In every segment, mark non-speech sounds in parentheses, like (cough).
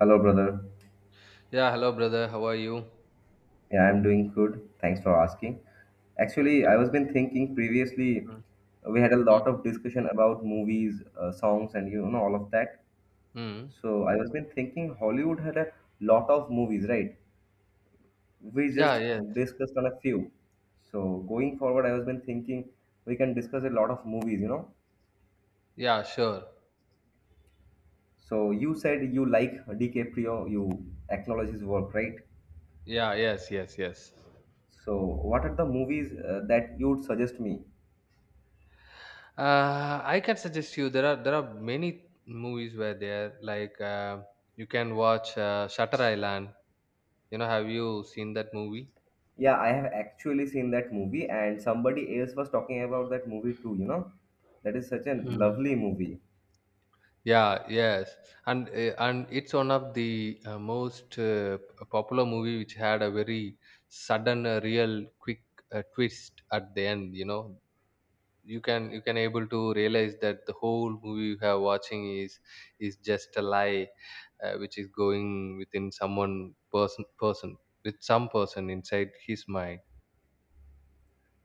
Hello, brother. Yeah, hello brother. How are you? Yeah, I'm doing good. Thanks for asking. Actually, Okay. I was been thinking previously, Mm, we had a mm, lot of discussion about movies, songs, and all of that. mm. So I was been thinking Hollywood had a lot of movies, right? We Yeah, just yes. discussed on a few. So going forward, I was been thinking we can discuss a lot of movies. Yeah, sure. So you said you like DiCaprio, you acknowledge his work, right? Yeah, yes, yes, yes. So what are the movies that you would suggest me? I can suggest you there are many movies where there like you can watch Shutter Island. Have you seen that movie? Yeah, I have actually seen that movie, and somebody else was talking about that movie too. That is such a Hmm. lovely movie. Yeah, yes, and it's one of the most popular movie which had a very sudden, real, quick twist at the end. You know, you can able to realize that the whole movie you have watching is just a lie which is going within someone person with some person inside his mind.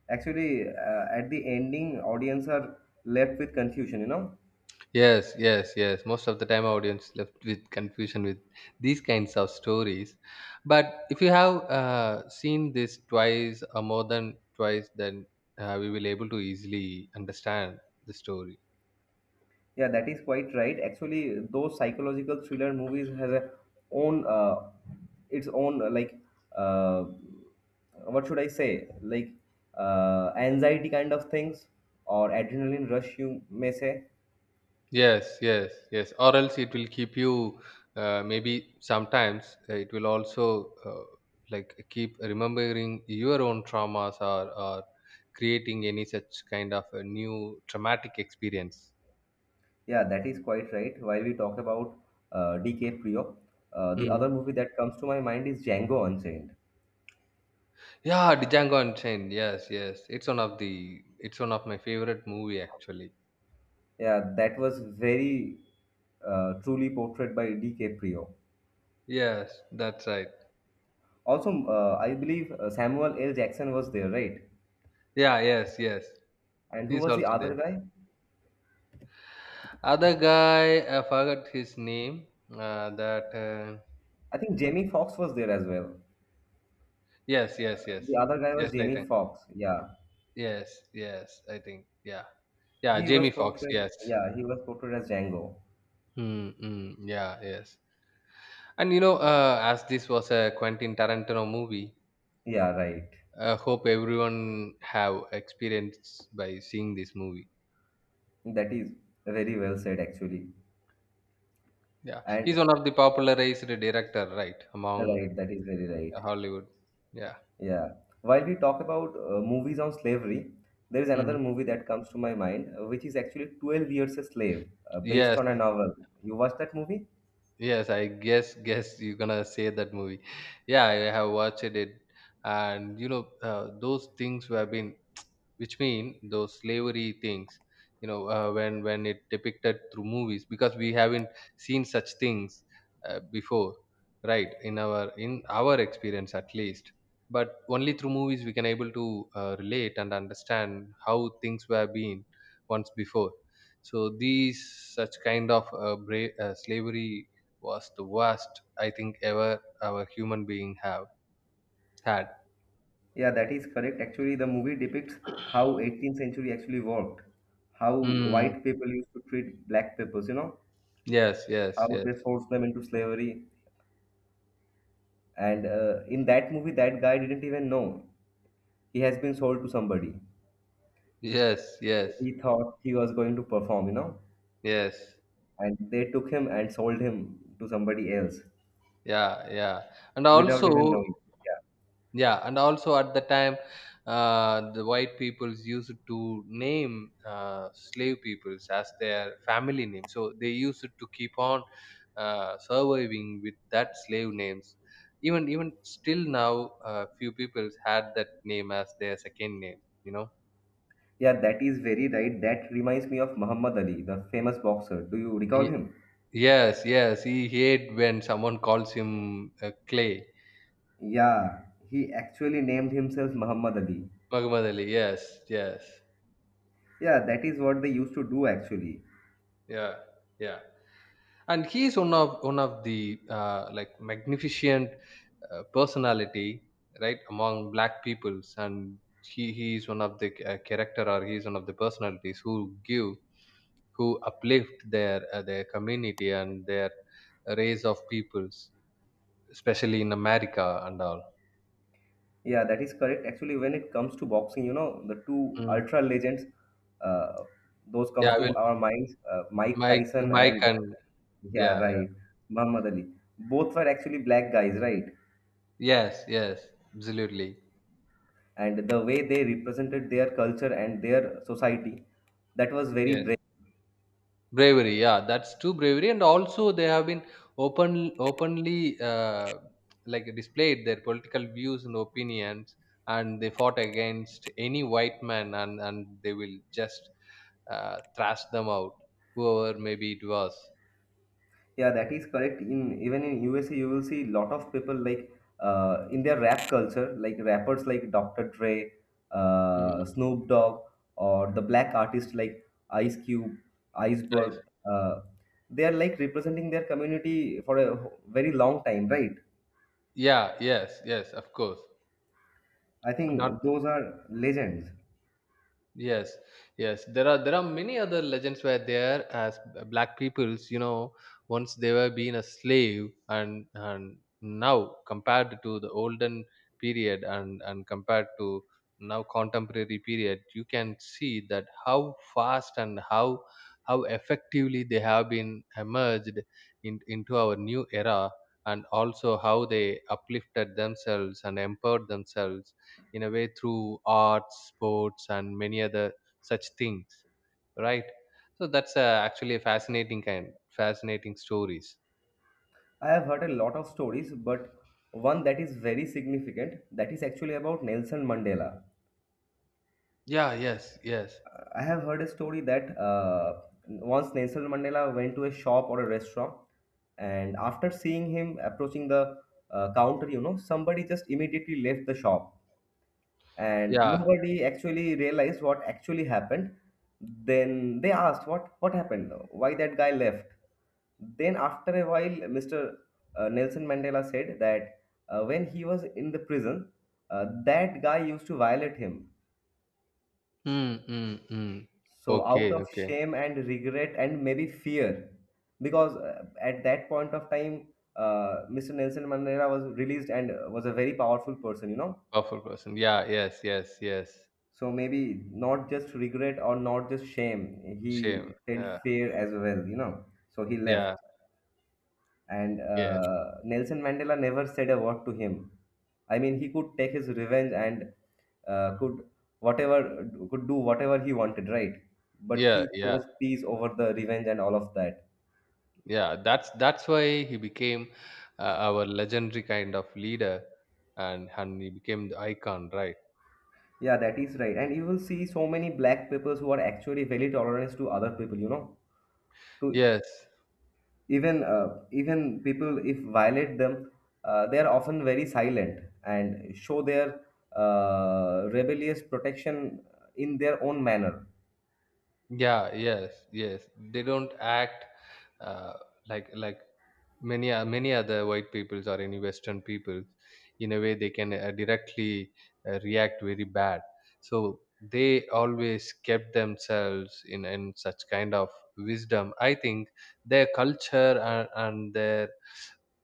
Actually, at the ending, audience are left with confusion. Yes, most of the time audience left with confusion with these kinds of stories, but if you have seen this twice or more than twice, then we will able to easily understand the story. Yeah, that is quite right. Actually, those psychological thriller movies has a own its own like uh, what should I say? Like anxiety kind of things or adrenaline rush, you may say. Yes, yes, yes. Or else it will keep you. Maybe sometimes it will also like keep remembering your own traumas, or creating any such kind of a new traumatic experience. Yeah, that is quite right. While we talk about DK Prio, the Hmm. other movie that comes to my mind is Django Unchained. Yeah, the Django Unchained. Yes, yes. It's one of the. It's one of my favorite movie actually. Yeah, that was very truly portrayed by DK Prio. Yes, that's right. Also, I believe Samuel L. Jackson was there, right? Yeah, yes, yes. And who He's was the also other there. guy? Other guy, I forgot his name. That. I think Jamie Foxx was there as well. Yes, yes, yes. The other guy was Yes, Jamie Nathan. Foxx. Yeah, Yes, yes, I think. Yeah. Yeah, he was Jamie Foxx, portrayed. yes. Yeah, he was portrayed as Django. Yeah, yes. And you know, as this was a Quentin Tarantino movie, Yeah, right. I hope everyone have experience by seeing this movie. That is very well said, actually. Yeah. He's And one of the popularized director, right, among right, that is very right. Hollywood. Yeah. Yeah. While we talk about movies on slavery, there is Mm. another movie that comes to my mind, which is actually 12 Years a Slave, based Yes, on a novel. You watched that movie? yes, I guess you're gonna say that movie. Yeah, I have watched it, and you know, those things have been, which mean those slavery things, you know, when it depicted through movies, because we haven't seen such things before, right, in our experience at least, but only through movies we can able to relate and understand how things were been once before. So these such kind of slavery was the worst I think ever our human being have had. Yeah, that is correct. Actually, the movie depicts how 18th century actually worked, how mm. white people used to treat black peoples, yes yes how yes they forced them into slavery. And in that movie, that guy didn't even know he has been sold to somebody. yes yes He thought he was going to perform, Yes. and they took him and sold him to somebody else Yeah. Yeah. And without even also, knowing. Yeah, yeah. And also at the time, the white peoples used to name slave peoples as their family name. So they used to keep on surviving with that slave names. Even still now, few peoples had that name as their second name. You know. yeah, that is very right. That reminds me of Muhammad Ali, the famous boxer. Do you recall Ye- him? Yes. Yes. He hate when someone calls him Clay. Yeah, he actually named himself Muhammad Ali. Muhammad Ali. Yes. Yes. Yeah, that is what they used to do actually. Yeah. Yeah. And he is one of the like magnificent personality, right, among black peoples, and he is one of the character, or he is one of the personalities who give, who uplift their community and their race of peoples, especially in America and all. Yeah, that is correct. Actually, when it comes to boxing, the two Mm. ultra legends, uh, those comes yeah to well our minds, Mike mike Tyson mike and and yeah, yeah, yeah, right, Muhammad Ali. Both were actually black guys, right? yes, yes, absolutely. And the way they represented their culture and their society, that was very. Yes, bravery, yeah, that's true bravery. And also they have been openly like displayed their political views and opinions, and they fought against any white man, and they will just thrash them out, whoever maybe it was. Yeah, that is correct. In even in USA, you will see lot of people like in their rap culture, like rappers like Dr. Dre, Mm. Snoop Dogg, or the black artists like Ice Cube, Iceberg. Right. Uh, they are like representing their community for a very long time, right? Yeah, yes, yes, of course. I Not think those are legends. Yes, yes. There are many other legends where there as black peoples, you know, once they were being a slave, and now compared to the olden period, and compared to now contemporary period, you can see that how fast and how effectively they have been emerged in, into our new era, and also how they uplifted themselves and empowered themselves in a way through arts, sports, and many other such things, right? So that's actually a fascinating stories. I have heard a lot of stories, but one that is very significant that is actually about Nelson Mandela. Yeah, yes, yes, I have heard a story that once Nelson Mandela went to a shop or a restaurant, and after seeing him approaching the counter, somebody just immediately left the shop, and yeah. nobody actually realized what actually happened. Then they asked, "What? What happened? Why that guy left?" Then after a while, Mr. Nelson Mandela said that when he was in the prison, that guy used to violate him. mm, mm, mm. So Okay, out of okay. shame and regret and maybe fear, because at that point of time, Mr. Nelson Mandela was released and was a very powerful person, Powerful person, yeah, yes, yes, yes. so maybe not just regret or not just shame, Shame, he felt yeah, fear as well, so he yeah, left. And yes. Nelson Mandela never said a word to him. I mean, he could take his revenge and could whatever could do whatever he wanted, right? But Yeah, he yeah, chose peace over the revenge and all of that. yeah, that's why he became our legendary kind of leader, and he became the icon, right? Yeah, that is right. And you will see so many black people who are actually very tolerant to other people. To Yes. even even people if violate them, they are often very silent and show their rebellious protection in their own manner. Yeah, yes, yes, they don't act uh, like many other white peoples or any western peoples, in a way they can directly react very bad. So they always kept themselves in such kind of wisdom, I think. Their culture, and their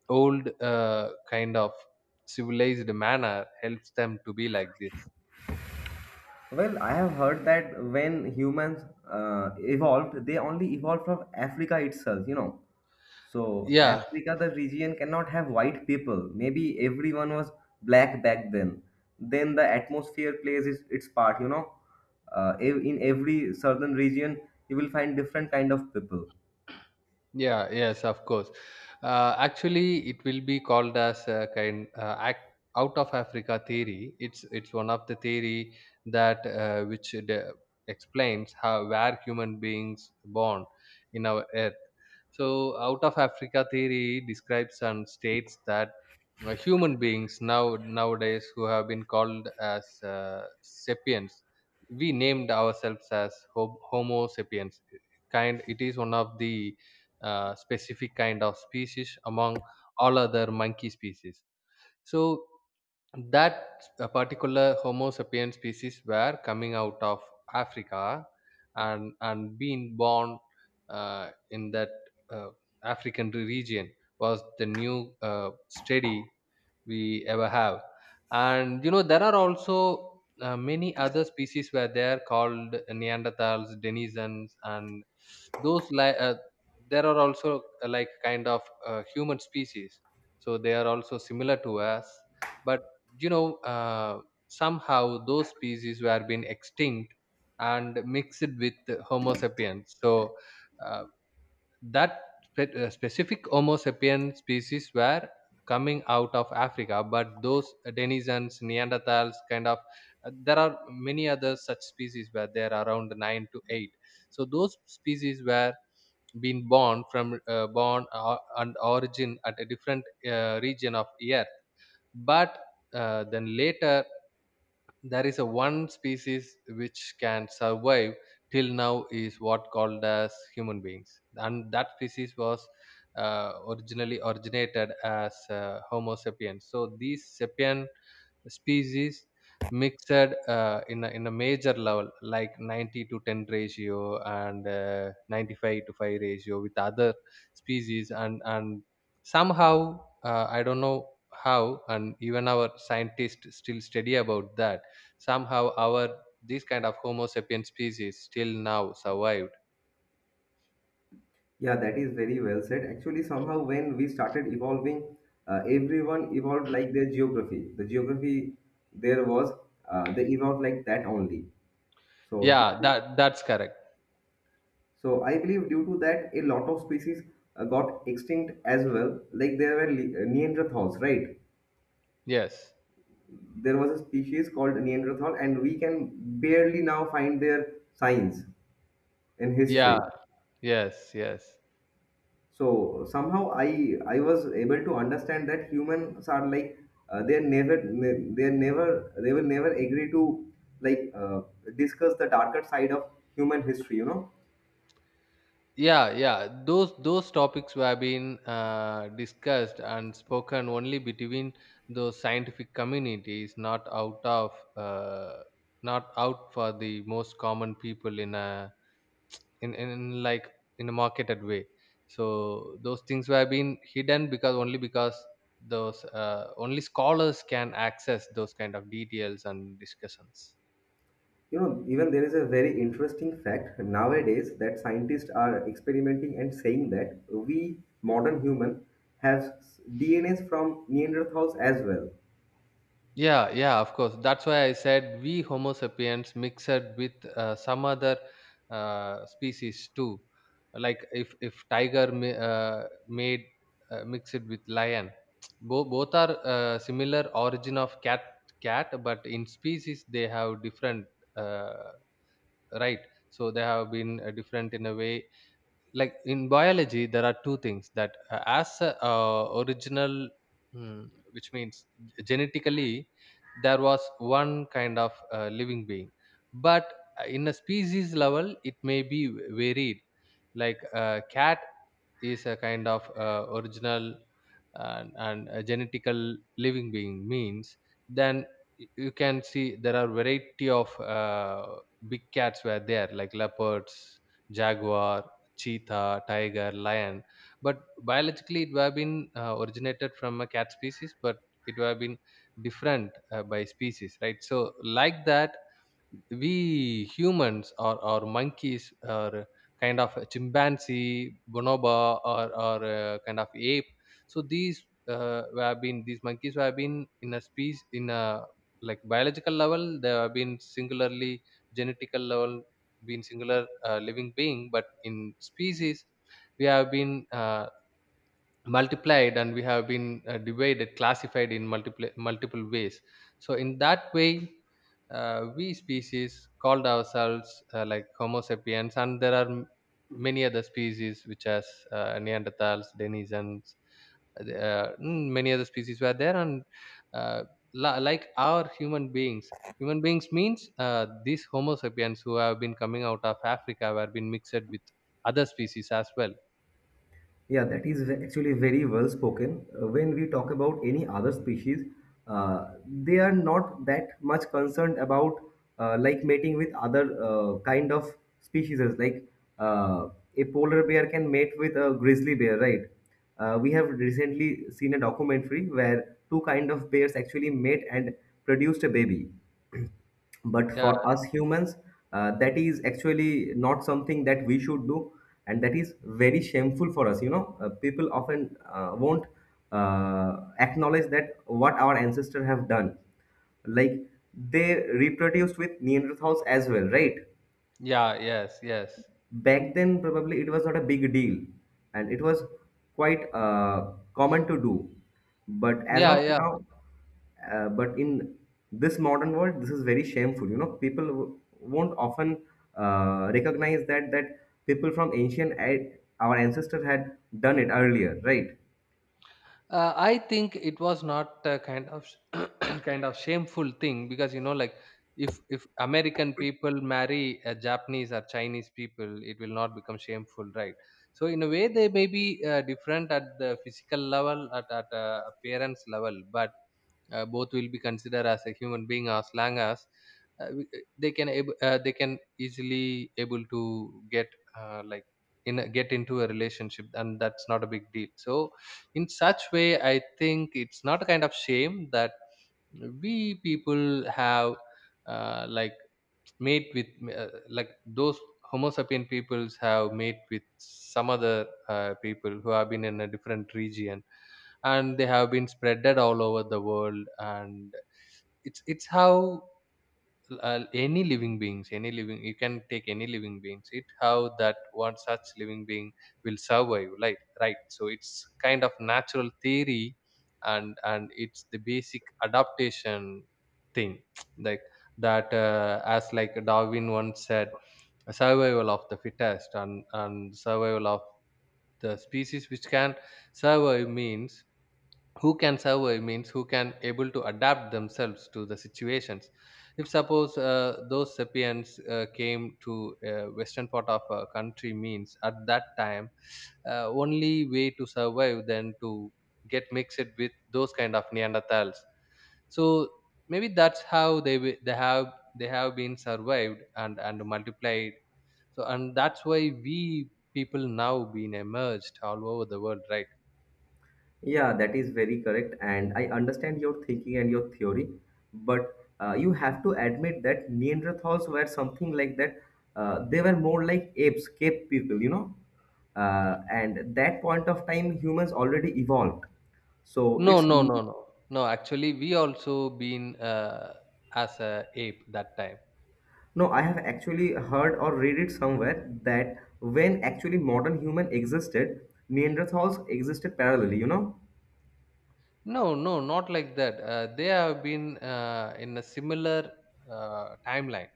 old kind of civilized manner helps them to be like this. Well, I have heard that when humans evolved, they only evolved from Africa itself. So, Yeah. Africa, the region cannot have white people. Maybe everyone was black back then. Then the atmosphere plays its part. In every southern region, you will find different kind of people. Yeah, yes, of course. Actually, it will be called as a kind act, out of Africa theory. It's one of the theory that explains how where human beings born in our earth. So, out of Africa theory describes and states that human beings now nowadays who have been called as sapiens, we named ourselves as Homo sapiens. Kind, it is one of the specific kind of species among all other monkey species. So that particular Homo sapien species were coming out of Africa and being born in that uh, African region was the new study we ever have. And you know there are also many other species were there called Neanderthals, denizens, and those like there are also like kind of human species. So they are also similar to us, but you know somehow those species were been extinct and mixed with Homo sapiens. So uh, that specific Homo sapien species were coming out of Africa, but those denizens, Neanderthals kind of there are many other such species where there are around 9 to 8. So those species were been born from born and origin at a different region of earth. But then later there is a one species which can survive till now is what called as human beings, and that species was originally originated as Homo sapiens. So these sapien species mixed in a major level like 90 to 10 ratio and 95 to 5 ratio with other species, and somehow I don't know how, and even our scientists still study about that. Somehow our this kind of Homo sapien species still now survived. Yeah, that is very well said. Actually, somehow when we started evolving, everyone evolved like their geography. The geography there was, they evolved like that only. So, due Yeah, to- that that's correct. so I believe due to that, a lot of species got extinct as well. Like there were Neanderthals, right? Yes, There was a species called Neanderthal, and we can barely now find their signs in yeah, history. yes, yes, So somehow I was able to understand that humans are like uh, they're never they will never agree to like discuss the darker side of human history. yeah, yeah, those topics were being discussed and spoken only between those scientific communities, not out of uh, not out for the most common people in a, in, in like in a marketed way. So those things were being hidden, because only because those only scholars can access those kind of details and discussions. Even there is a very interesting fact nowadays that scientists are experimenting and saying that we modern human have DNAs from Neanderthals as well. Yeah, yeah, of course. That's why I said we Homo sapiens mixed with some other species too. Like if tiger ma- made mixed with lion, both are similar origin of cat, but in species they have different uh, right. So they have been different in a way, like in biology there are two things that as a, original mm, which means genetically there was one kind of living being, but in a species level it may be varied. Like a cat is a kind of original, and a genetical living being means, then you can see there are variety of big cats were there like leopards, jaguar, cheetah, tiger, lion, but biologically it would have been originated from a cat species, but it would have been different by species, right? So like that we humans, or monkeys, or kind of a chimpanzee, bonobo, or a kind of ape. So these have been these monkeys have been in a species in a like biological level they have been singularly genetical level been singular living being, but in species we have been multiplied, and we have been divided, classified in multiple multiple ways. So in that way we species called ourselves like Homo sapiens, and there are many other species which as Neanderthals, Denizens, many other species were there. And uh, like our human beings, human beings means these Homo sapiens who have been coming out of Africa were been mixed with other species as well. Yeah, that is actually very well spoken. When we talk about any other species, uh, they are not that much concerned about like mating with other kind of species. Like uh, a polar bear can mate with a grizzly bear, right? We have recently seen a documentary where two kind of bears actually mate and produced a baby, but Yeah. for us humans, that is actually not something that we should do, and that is very shameful for us. People often won't acknowledge that what our ancestors have done, like they reproduced with Neanderthals as well, right? Yeah. Yes, yes. Back then probably it was not a big deal and it was quite common to do, but as Yeah, of yeah. now, but in this modern world this is very shameful. People won't often recognize that that people from our ancestors had done it earlier, right? I think it was not a kind of (clears throat) kind of shameful thing, because you know, like if American people marry a Japanese or Chinese people, it will not become shameful, right? So in a way, they may be different at the physical level, at appearance level, but both will be considered as a human being. As long as they can they can easily able to get uh, like in a, get into a relationship, and that's not a big deal. So in such way, I think it's not a kind of shame that we people have uh, like mate with those Homo sapien peoples have mate with some other people who have been in a different region, and they have been spreaded all over the world. And it's how any living beings, any living, you can take any living beings, it how that one such living being will survive, like, right? So it's kind of natural theory. And it's the basic adaptation thing (tsk) like that as like Darwin once said, survival of the fittest. And survival of the species which can survive means who can survive means who can able to adapt themselves to the situations. If suppose those sapiens came to western part of a country means, at that time only way to survive then to get mixed with those kind of Neanderthals. So maybe that's how they have been survived and multiplied. So and that's why we people now been emerged all over the world, right? Yeah, that is very correct. And I understand your thinking and your theory, but you have to admit that Neanderthals were something like that. They were more like apes, cave people. And at that point of time, humans already evolved. So No, it's no, no, no. No, actually, we also been as a ape that time. no, I have actually heard or read it somewhere that when actually modern human existed, Neanderthals existed parallelly. No, no, not like that. They have been in a similar timeline.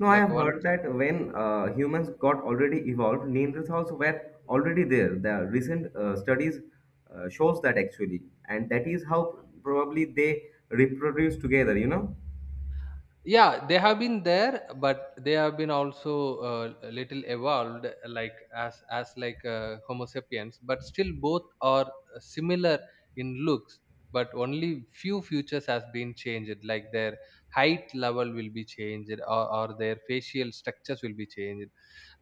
No, I Like have one. heard that when humans got already evolved, Neanderthals were already there. The recent studies shows that actually, and that is how probably they reproduce together. Yeah, they have been there, but they have been also a little evolved, like as like Homo sapiens. But still, both are similar in looks. But only few features has been changed, like their height level will be changed, or their facial structures will be changed.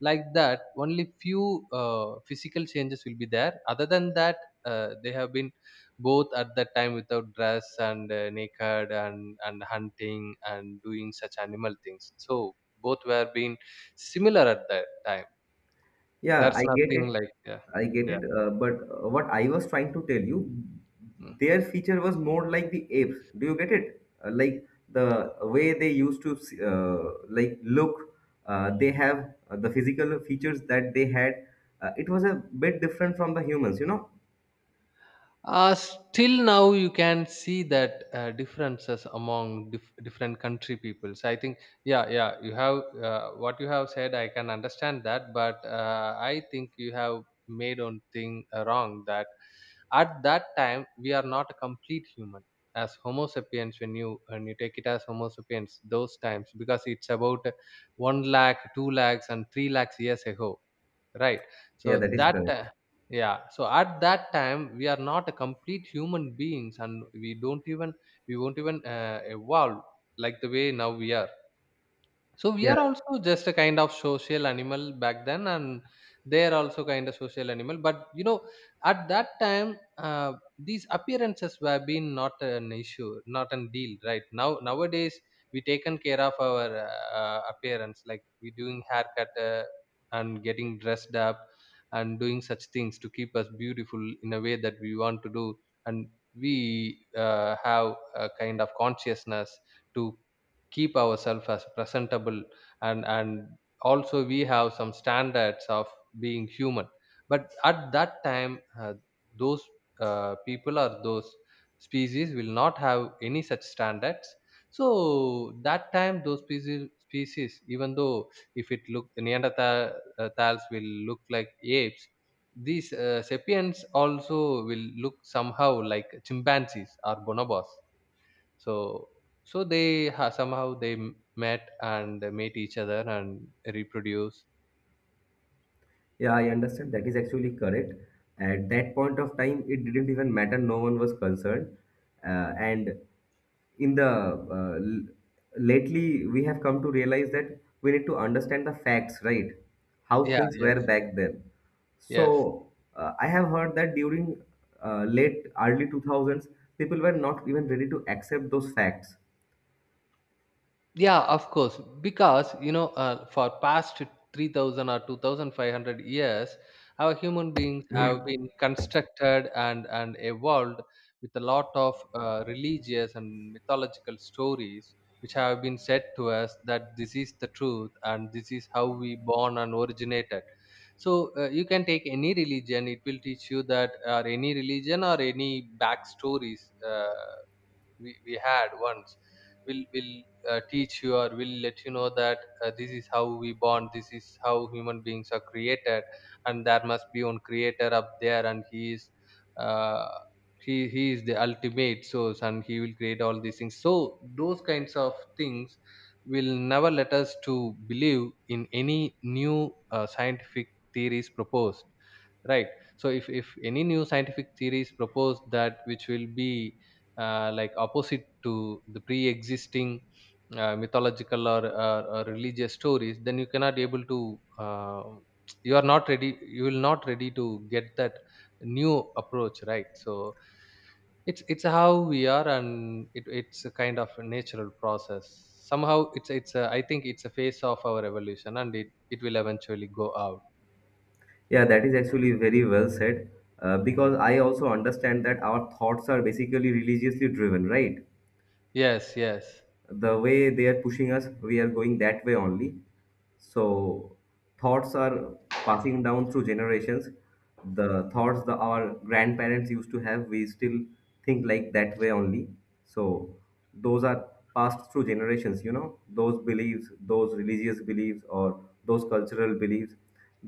Like that, only few physical changes will be there. Other than that, they have been both at that time without dress and naked and hunting and doing such animal things, so both were being similar at that time. Yeah, That's I get nothing it. like. Yeah. I get it. Yeah. But what I was trying to tell you, their feature was more like the apes. Do you get it? Like the way they used to like look. They have the physical features that they had. It was a bit different from the humans. Still now you can see that uh, different country peoples. I think, yeah, yeah, you have what you have said. I can understand that, but I think you have made one thing wrong that at that time we are not a complete human as Homo sapiens. When you take it as Homo sapiens, those times, because it's about one lakh, two lakhs, and three lakhs years ago, right? So Yeah, that is that, uh. correct. Yeah, so at that time we are not a complete human beings, and we don't even, we won't even evolve like the way now we are. So we Yeah, are also just a kind of social animal back then, and they are also kind of social animal. But you know, at that time, these appearances were been not an issue, not an deal, right? Now nowadays we taken care of our appearance, like we doing haircut, and getting dressed up and doing such things to keep us beautiful in a way that we want to do, and we have a kind of consciousness to keep ourselves as presentable, and also we have some standards of being human. But at that time those people or those species will not have any such standards. So that time those species, species, even though if it look, Neanderthals will look like apes, these sapiens also will look somehow like chimpanzees or bonobos. So so they ha, somehow they met, and they meet each other and reproduce. Yeah, I understand. That is actually correct. At that point of time, it didn't even matter. No one was concerned. And in the uh, l- lately, we have come to realize that we need to understand the facts, right? How Yeah, things were yes, back then. yes. So I have heard that during late early 2000s, people were not even ready to accept those facts. Yeah, of course, because you know for past 3000 or 2500 years our human beings have been constructed and evolved with a lot of religious and mythological stories which have been said to us that this is the truth and this is how we born and originated. So you can take any religion, it will teach you that, or any religion or any backstories, we had once will teach you or will let you know that this is how we bond, this is how human beings are created, and there must be one creator up there, and he is, uh, he is the ultimate source, and he will create all these things. So those kinds of things will never let us to believe in any new scientific theories proposed, right? So if any new scientific theories proposed that which will be like opposite to the pre-existing mythological or religious stories, then you cannot able to, you are not ready, you will not ready to get that new approach, right? So it's how we are, and it's a kind of a natural process. Somehow I think it's a phase of our evolution, and it will eventually go out. Yeah, that is actually very well said. Because I also understand that our thoughts are basically religiously driven, right? Yes, yes, The way they are pushing us, we are going that way only. So thoughts are passing down through generations. The thoughts that our grandparents used to have, we still think like that way only. So those are passed through generations, those beliefs, those religious beliefs or those cultural beliefs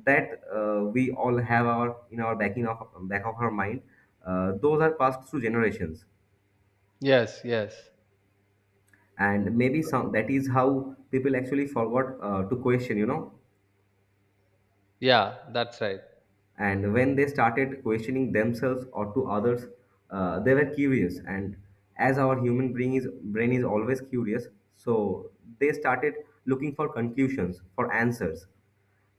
that we all have our in our backing of back of our mind. Those are passed through generations, yes. Yes. and maybe some that is how people actually forgot to question. Yeah, that's right. And when they started questioning themselves or to others, they were curious, and as our human brain is always curious, so they started looking for conclusions for answers.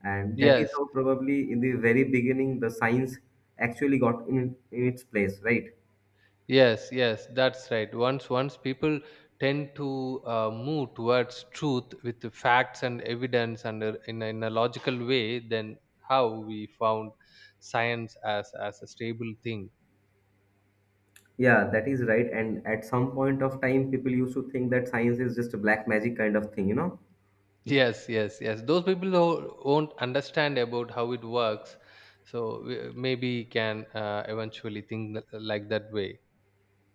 And that is Yes. how probably in the very beginning the science actually got in its place, right? Yes, yes, that's right. Once people tend to move towards truth with the facts and evidence and in a logical way, then how we found science as a stable thing. Yeah, that is right. And at some point of time people used to think that science is just a black magic kind of thing. Yes, yes, yes. Those people who won't understand about how it works, so maybe can eventually think like that way.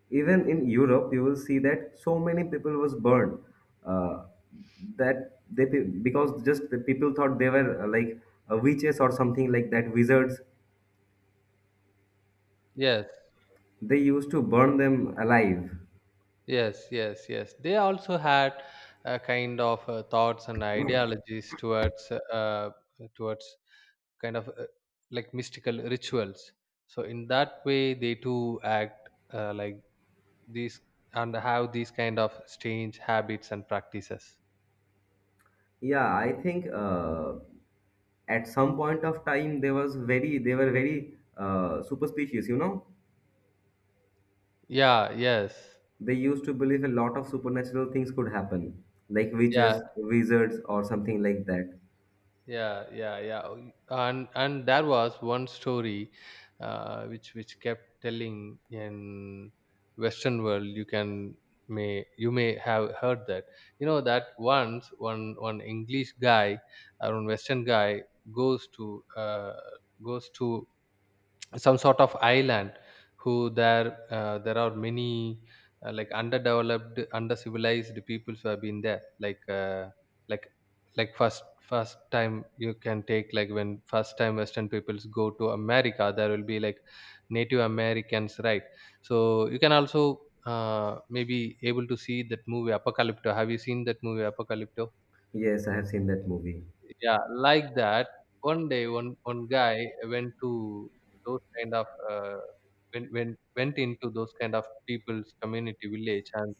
Even in Europe, you will see that so many people was burned uh, because just the people thought they were like witches or something like that, wizards. Yes. They used to burn them alive. Yes, yes, yes. They also had a kind of thoughts and ideologies towards towards kind of like mystical rituals. So in that way, they too act like these and have these kind of strange habits and practices. Yeah, I think at some point of time they were very superstitious. You know, Yeah. Yes. they used to believe a lot of supernatural things could happen, like Yeah. witches, wizards, or something like that. Yeah, yeah, yeah. Oh, and there was one story which kept telling in western world. You can, may you may have heard that, you know, that once one English guy or one western guy goes to, goes to some sort of island, who there there are many like underdeveloped undercivilized peoples who have been there, like like like first first time, you can take, like when first time western peoples go to America, there will be like Native Americans, right? So you can also maybe able to see that movie Apocalypto. Have you seen that movie Apocalypto? Yes, I have seen that movie. Yeah, like that. One day, one guy went to those kind of, uh, went into those kind of people's community village,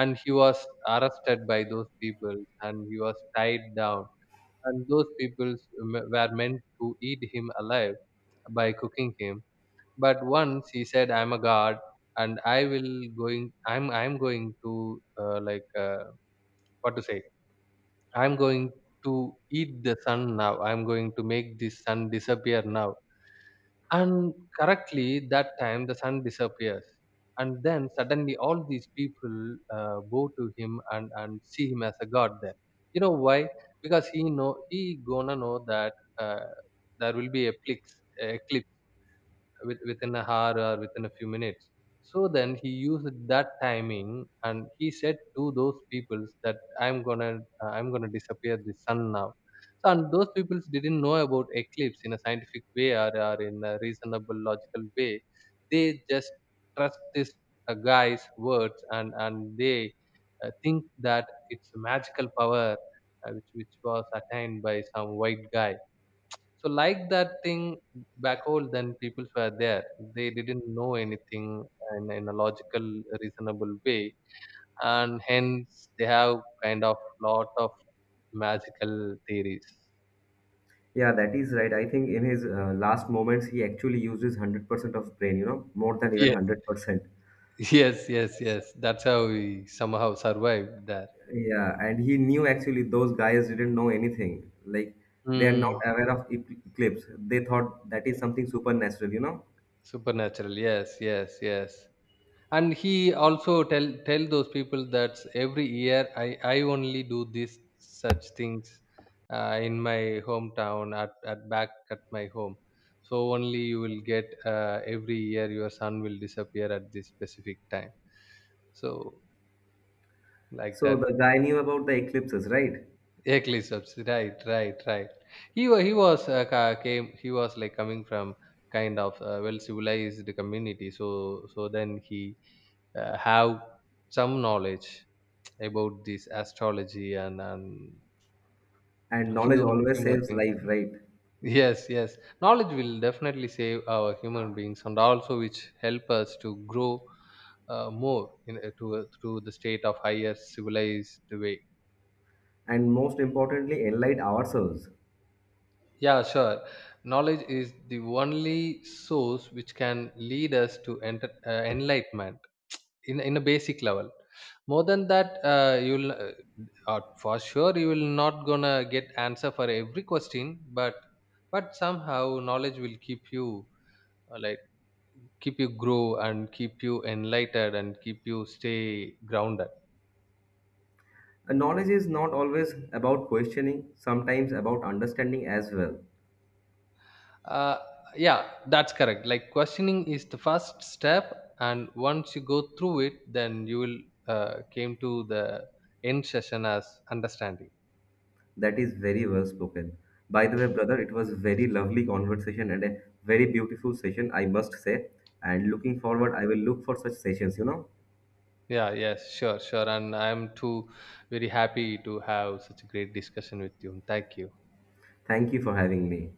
and he was arrested by those people, and he was tied down. And those people were meant to eat him alive by cooking him. But once he said, "I'm a god, and I will going. I'm going to what to say." I'm going to eat the sun now. I'm going to make this sun disappear now. And correctly, that time the sun disappears. And then suddenly all these people go to him and see him as a god there. You know why? Because he know he gonna know that there will be eclipse, eclipse with, within a hour or within a few minutes. So then he used that timing and he said to those peoples that I'm gonna, I'm gonna disappear the sun now. So and those peoples didn't know about eclipse in a scientific way, or in a reasonable logical way. They just trust this guy's words, and they think that it's a magical power which was attained by some white guy. So like that thing back home, then people were there. They didn't know anything in a logical, reasonable way, and hence they have kind of lot of magical theories. Yeah, that is right. I think in his last moments, he actually used his 100% of brain, more than even Yes, 100%. (laughs) yes, yes, yes. That's how we somehow survived there. Yeah, and he knew actually those guys didn't know anything. Like, they are not Hmm. aware of eclipse. They thought that is something supernatural. Supernatural. Yes, yes, yes. And he also tell those people that every year I only do this such things in my hometown at back at my home. So only you will get every year your son will disappear at this specific time. So like So that. the guy knew about the eclipses, right? Eclipse, right, right, right. He was ca- came he was like coming from kind of well civilized community. So so then he have some knowledge about this astrology and And knowledge few always more saves things. life, (laughs) right? Yes, yes. Knowledge will definitely save our human beings and also which help us to grow more in, to the state of higher civilized way. And most importantly, enlighten ourselves. Yeah, sure. Knowledge is the only source which can lead us to enter, enlightenment. In a basic level, more than that you'll for sure you will not gonna get answer for every question. but but somehow knowledge will keep you uh, like keep you grow and keep you enlightened and keep you stay grounded. And knowledge is not always about questioning, sometimes about understanding as well. uh, yeah, that's correct. Like questioning is the first step, and once you go through it, then you will came to the end session as understanding. That is very well spoken. By the way, brother, it was very lovely conversation and a very beautiful session, I must say. And looking forward, I will look for such sessions. Yeah, yes, sure, sure. And I'm too very happy to have such a great discussion with you. Thank you. Thank you for having me.